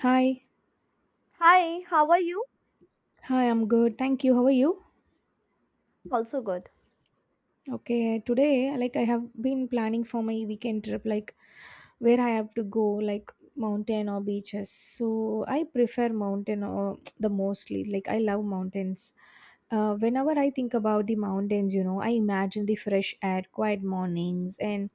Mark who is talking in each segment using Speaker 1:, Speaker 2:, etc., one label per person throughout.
Speaker 1: Hi,
Speaker 2: Hi, how are you?
Speaker 1: hi, I'm good. Thank you. How are you?
Speaker 2: Also good.
Speaker 1: Okay, today, like I have been planning for my weekend trip, like where I have to go, like mountain or beaches. So I prefer mountain or the mostly. Like I love mountains. Whenever I think about the mountains, you know, I imagine the fresh air, quiet mornings, and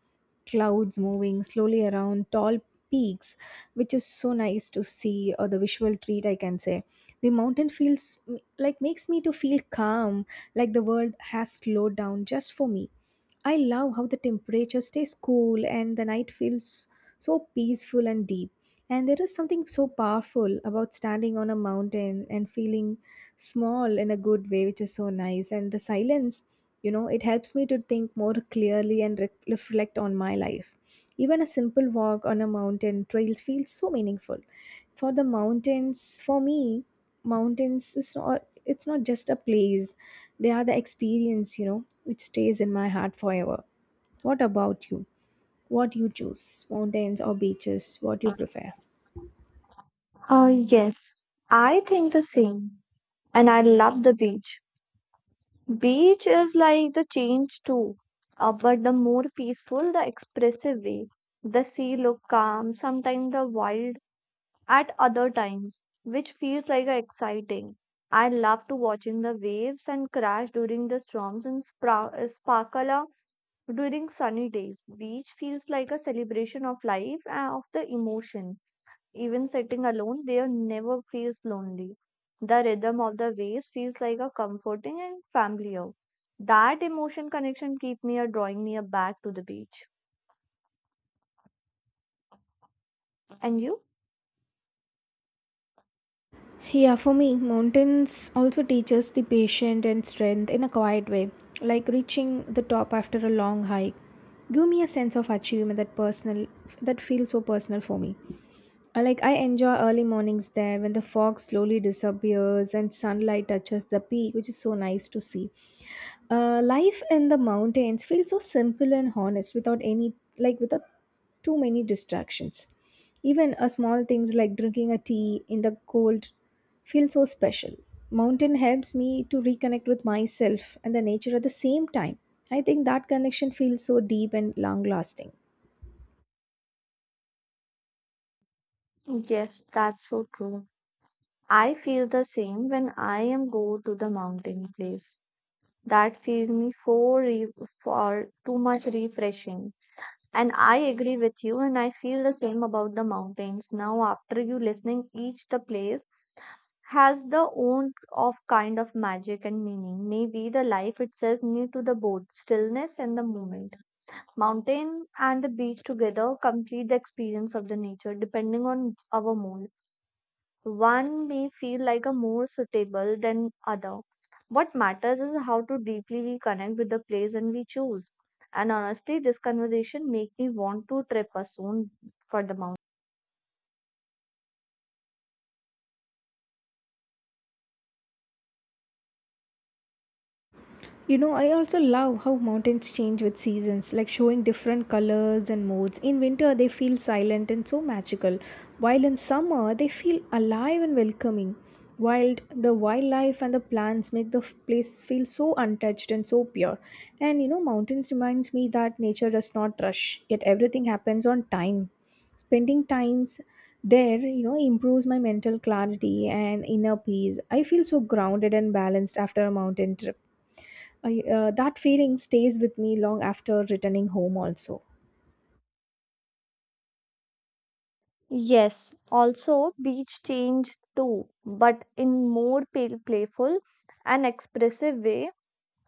Speaker 1: clouds moving slowly around tall peaks, which is so nice to see, or the visual treat, I can say. The mountain feels like makes me to feel calm like the world has slowed down just for me. I love how the temperature stays cool and the night feels so peaceful and deep. And there is something so powerful about standing on a mountain and feeling small in a good way, which is so nice. And the silence you know it helps me to think more clearly and reflect on my life. Even a simple walk on a mountain trail feels so meaningful for the mountains. For me, mountains is not it's not just a place, they are the experience, you know, which stays in my heart forever. What about you? What you choose, mountains or beaches? What you prefer?
Speaker 2: Yes, I think the same. And I love the beach. Beach is like the change too, but the more peaceful, the expressive way. The sea look calm, sometimes the wild at other times, which feels like a exciting. I love to watching the waves and crash during the storms and sparkle during sunny days. Beach feels like a celebration of life and of the emotion. Even sitting alone, there never feels lonely. The rhythm of the waves feels like a comforting and familiar. That emotion connection keep me or drawing me a back to the beach. And you?
Speaker 1: Yeah, for me, mountains also teaches the patience and strength in a quiet way, like reaching the top after a long hike. Give me a sense of achievement that feels so personal for me. Like I enjoy early mornings there when the fog slowly disappears and sunlight touches the peak, which is so nice to see. Life in the mountains feels so simple and honest without any, without too many distractions. Even a small things like drinking a tea in the cold feel so special. Mountain helps me to reconnect with myself and the nature at the same time. I think that connection feels so deep and long lasting.
Speaker 2: Yes, that's so true. I feel the same when I am go to the mountain place. That feels me for for too much refreshing. And I agree with you, and I feel the same about the mountains. Now, after you listening, each the place has the own of kind of magic and meaning. Maybe the life itself new to the both stillness and the moment. Mountain and the beach together complete the experience of the nature, depending on our mood. One may feel like a more suitable than other. What matters is how to deeply we connect with the place and we choose. And honestly, this conversation make me want to trip us soon for the mountain.
Speaker 1: You know, I also love how mountains change with seasons, like showing different colors and moods. In winter, they feel silent and so magical, while in summer, they feel alive and welcoming. Wild, the wildlife and the plants make the place feel so untouched and so pure. And you know, mountains reminds me that nature does not rush, yet everything happens on time. Spending times there, you know, improves my mental clarity and inner peace. I feel so grounded and balanced after a mountain trip. That feeling stays with me long after returning home, also.
Speaker 2: Yes, also beach change too, but in more pale, playful and expressive way.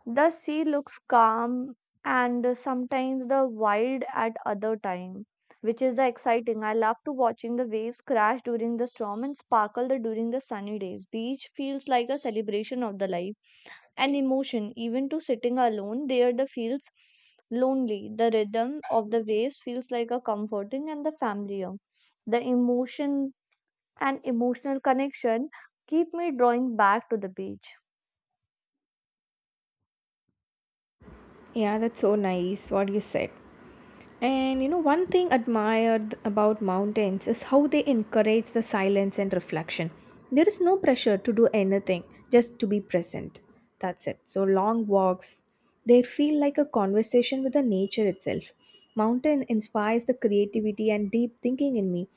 Speaker 2: The sea looks calm and sometimes the wild at other time, which is the exciting. I love to watching the waves crash during the storm and sparkle the during the sunny days. Beach feels like a celebration of the life and emotion. Even to sitting alone there the feels lonely. The rhythm of the waves feels like a comforting and the familiar. The emotion and emotional connection keep me drawing back to the beach.
Speaker 1: Yeah, that's so nice what you said. And you know, one thing admired about mountains is how they encourage the silence and reflection. There is no pressure to do anything, just to be present. That's it. So, long walks, they feel like a conversation with the nature itself. Mountain inspires the creativity and deep thinking in me.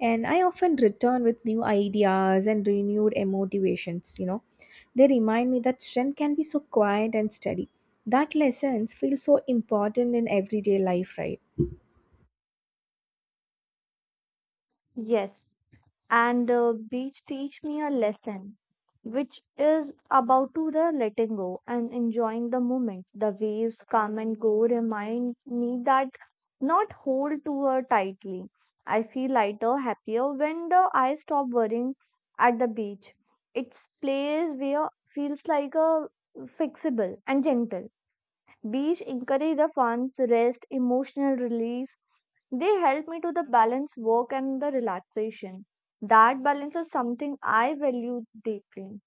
Speaker 1: And I often return with new ideas and renewed motivations, you know. They remind me that strength can be so quiet and steady. That lessons feel so important in everyday life, right?
Speaker 2: Yes, and the beach teach me a lesson which is about to the letting go and enjoying the moment the waves come and go remind me that not hold to her tightly. I feel lighter happier when the I stop worrying at the beach. It's place where feels like a fixable and gentle. Beach encourage the fun's rest, emotional release. They help me to the balance work and the relaxation. That balance is something I value deeply.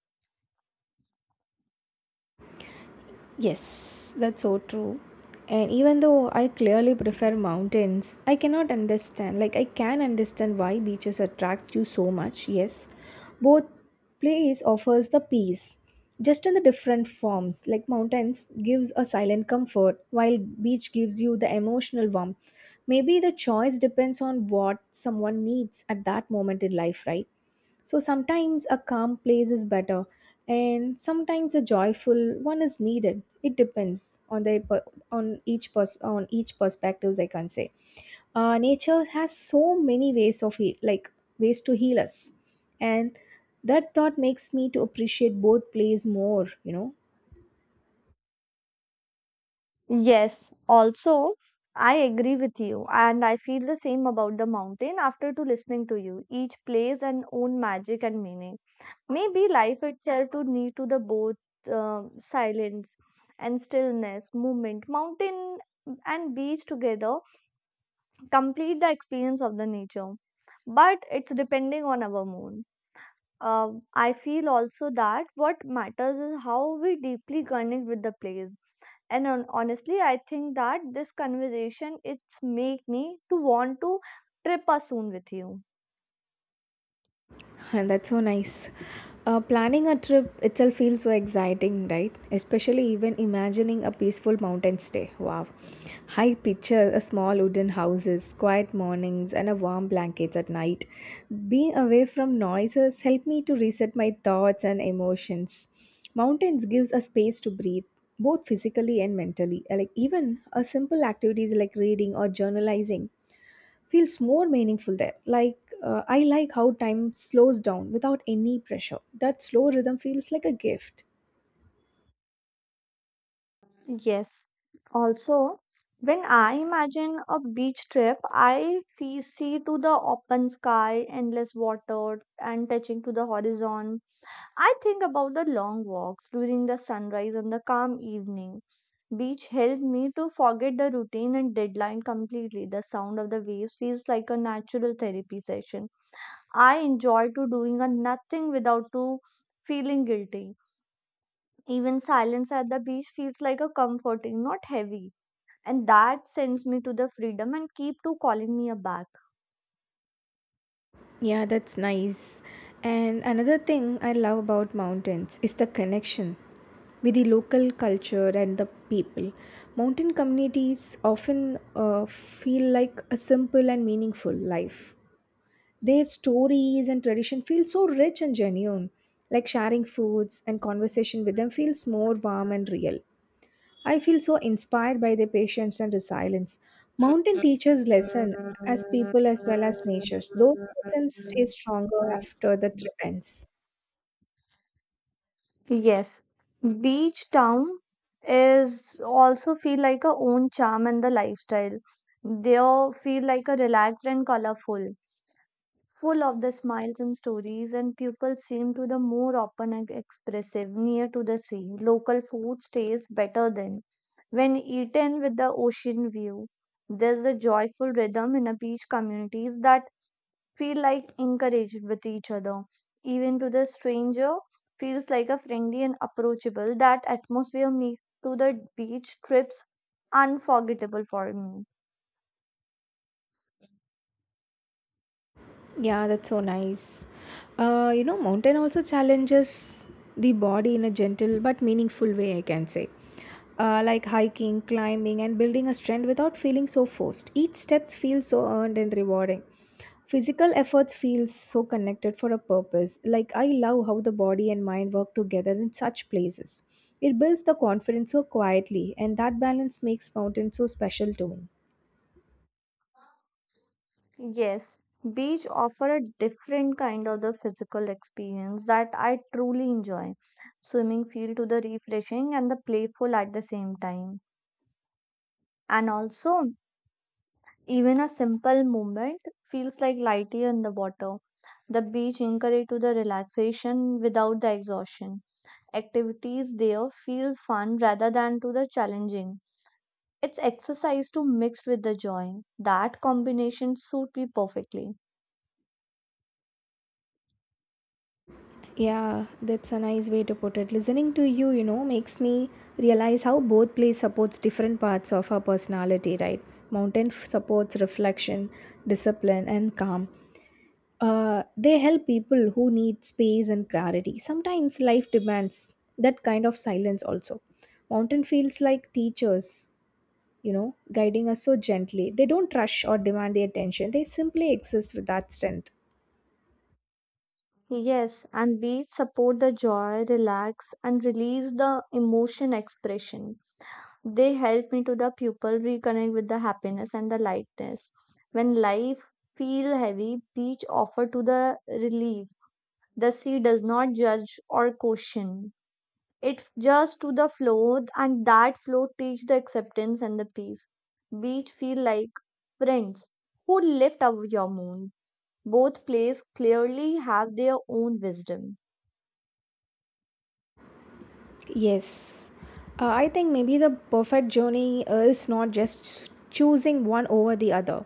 Speaker 1: Yes, that's so true. And even though I clearly prefer mountains, I cannot understand, like, I can understand why beaches attracts you so much. Yes, both place offers the peace, just in the different forms. Like, mountains gives a silent comfort, while beach gives you the emotional warmth. Maybe the choice depends on what someone needs at that moment in life, right? So sometimes a calm place is better, and sometimes a joyful one is needed. It depends on the on each perspectives, I can say. Nature has so many ways of ways to heal us, and that thought makes me to appreciate both plays more, you know.
Speaker 2: Yes, also I agree with you and I feel the same about the mountain after to listening to you. Each place and own magic and meaning. Maybe life itself to need to the both silence and stillness, movement. Mountain and beach together complete the experience of the nature but it's depending on our mood. Uh, i feel also that what matters is how we deeply connect with the place. And honestly I think that this conversation it's make me to want to trip us soon with you.
Speaker 1: And that's so nice. Planning a trip itself feels so exciting, right? Especially even imagining a peaceful mountain stay. Wow. I picture a small wooden houses, quiet mornings, and a warm blankets at night. Being away from noises help me to reset my thoughts and emotions. Mountains gives a space to breathe, both physically and mentally. Like even a simple activities like reading or journalizing feels more meaningful there. I like how time slows down without any pressure. That slow rhythm feels like a gift.
Speaker 2: Yes, also when I imagine a beach trip, I see to the open sky, endless water and touching to the horizon. I think about the long walks during the sunrise and the calm evening. Beach helped me to forget the routine and deadline completely. The sound of the waves feels like a natural therapy session. I enjoy to doing a nothing without to feeling guilty. Even silence at the beach feels like a comforting, not heavy. And that sends me to the freedom and keep to calling me a back.
Speaker 1: Yeah, that's nice. And another thing I love about mountains is the connection with the local culture and the people. Mountain communities often feel like a simple and meaningful life. Their stories and tradition feel so rich and genuine. Like sharing foods and conversation with them feels more warm and real. I feel so inspired by their patience and resilience. Mountain teachers lesson as people as well as natures. Those lessons stay stronger after the trip ends.
Speaker 2: Yes, beach town is also feel like a own charm and the lifestyle. They all feel like a relaxed and colorful, full of the smiles and stories, and people seem to the more open and expressive near to the sea. Local food tastes better than when eaten with the ocean view. There's a joyful rhythm in a beach communities that feel like encouraged with each other. Even to the stranger feels like a friendly and approachable. That atmosphere make to the beach trips unforgettable for me.
Speaker 1: Yeah, that's so nice. You know, mountain also challenges the body in a gentle but meaningful way, I can say. Like hiking, climbing, and building a strength without feeling so forced. Each step feels so earned and rewarding. Physical efforts feel so connected for a purpose. Like, I love how the body and mind work together in such places. It builds the confidence so quietly, and that balance makes mountains so special to me.
Speaker 2: Yes, beach offer a different kind of the physical experience that I truly enjoy. Swimming feel to the refreshing and the playful at the same time. And also, even a simple movement feels like lighter in the water. The beach encourage to the relaxation without the exhaustion. Activities there feel fun rather than to the challenging. It's exercise to mix with the joy. That combination suit me perfectly.
Speaker 1: Yeah, that's a nice way to put it. Listening to you, you know, makes me realize how both plays supports different parts of our personality, right? Mountain f- supports reflection, discipline, and calm. They help people who need space and clarity. Sometimes life demands that kind of silence also. Mountain feels like teachers, you know, guiding us so gently. They don't rush or demand the attention. They simply exist with that strength.
Speaker 2: Yes, and beach support the joy, relax, and release the emotion expression. They help me to the pupil reconnect with the happiness and the lightness. When life feel heavy, beach offer to the relief. The sea does not judge or caution. It just to the flow and that flow teach the acceptance and the peace. Beach feel like friends who lift up your moon. Both place clearly have their own wisdom.
Speaker 1: Yes, I think maybe the perfect journey is not just choosing one over the other.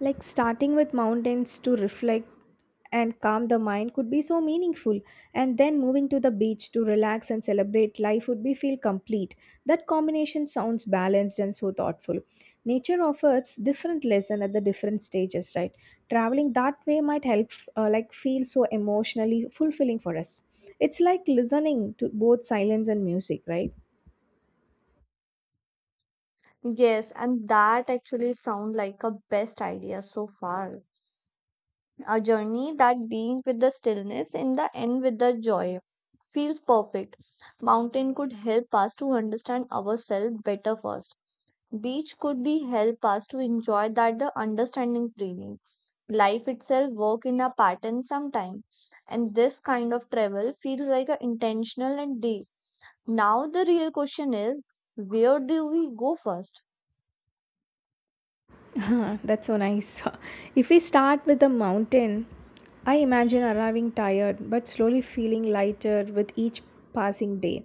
Speaker 1: Like starting with mountains to reflect and calm the mind could be so meaningful, and then moving to the beach to relax and celebrate life would be feel complete. That combination sounds balanced and so thoughtful. Nature offers different lesson at the different stages, right? Traveling that way might help feel so emotionally fulfilling for us. It's like listening to both silence and music, right?
Speaker 2: Yes, and that actually sound like a best idea so far. A journey that begins with the stillness and the end with the joy. Feels perfect. Mountain could help us to understand ourselves better first. Beach could be help us to enjoy that the understanding freely. Life itself work in a pattern sometime. And this kind of travel feels like a intentional and deep. Now the real question is, where do we go first?
Speaker 1: That's so nice. If we start with the mountain, I imagine arriving tired but slowly feeling lighter with each passing day.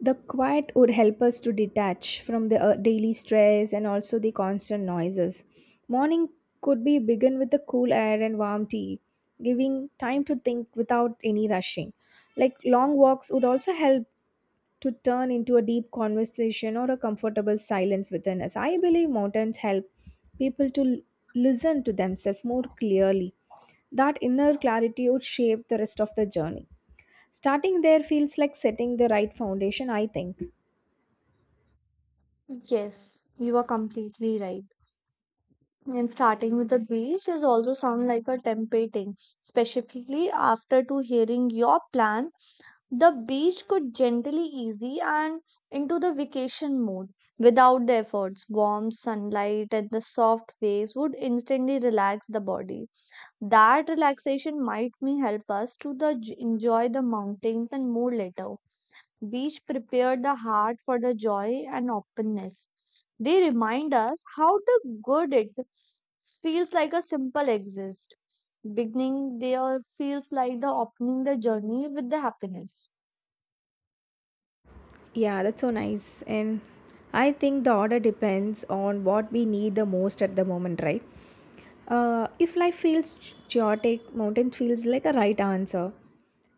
Speaker 1: The quiet would help us to detach from the daily stress and also the constant noises. Morning could be begin with the cool air and warm tea, giving time to think without any rushing. Like long walks would also help to turn into a deep conversation or a comfortable silence within us. I believe mountains help people to listen to themselves more clearly. That inner clarity would shape the rest of the journey. Starting there feels like setting the right foundation, I think.
Speaker 2: Yes, you are completely right. And starting with the beach is also sound like a tempting, specifically after to hearing your plan. The beach could gently easy and into the vacation mode without the efforts. Warm sunlight and the soft waves would instantly relax the body. That relaxation might may help us to the enjoy the mountains and more later. These prepare the heart for the joy and openness. They remind us how the good it feels like a simple exist. Beginning there feels like the opening the journey with the happiness.
Speaker 1: Yeah, that's so nice. And I think the order depends on what we need the most at the moment, right? If life feels chaotic, mountain feels like a right answer.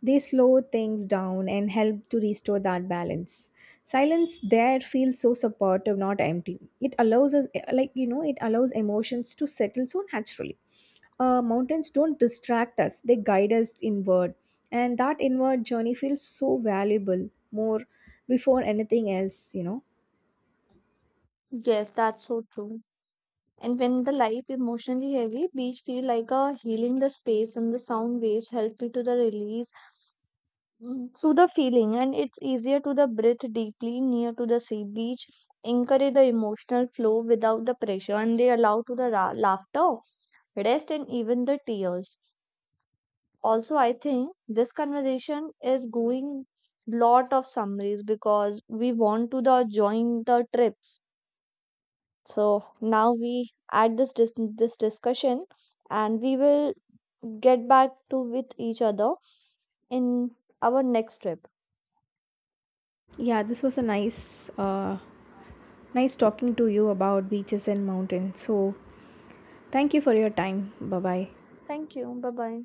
Speaker 1: They slow things down and help to restore that balance. Silence there feels so supportive, not empty. It allows us, it allows emotions to settle so naturally. Mountains don't distract us, they guide us inward. And that inward journey feels so valuable more before anything else, you know.
Speaker 2: Yes, that's so true. And when the life emotionally heavy, beach feel like a healing the space and the sound waves help me to the release. To the feeling and it's easier to the breathe deeply near to the sea. Beach encourage the emotional flow without the pressure and they allow to the laughter, rest and even the tears. Also I think this conversation is going lot of summaries because we want to the join the trips. So now we add this this discussion and we will get back to with each other in our next trip.
Speaker 1: Yeah, this was a nice Nice talking to you about beaches and mountains. So, thank you for your time. Bye bye.
Speaker 2: Thank you, bye bye.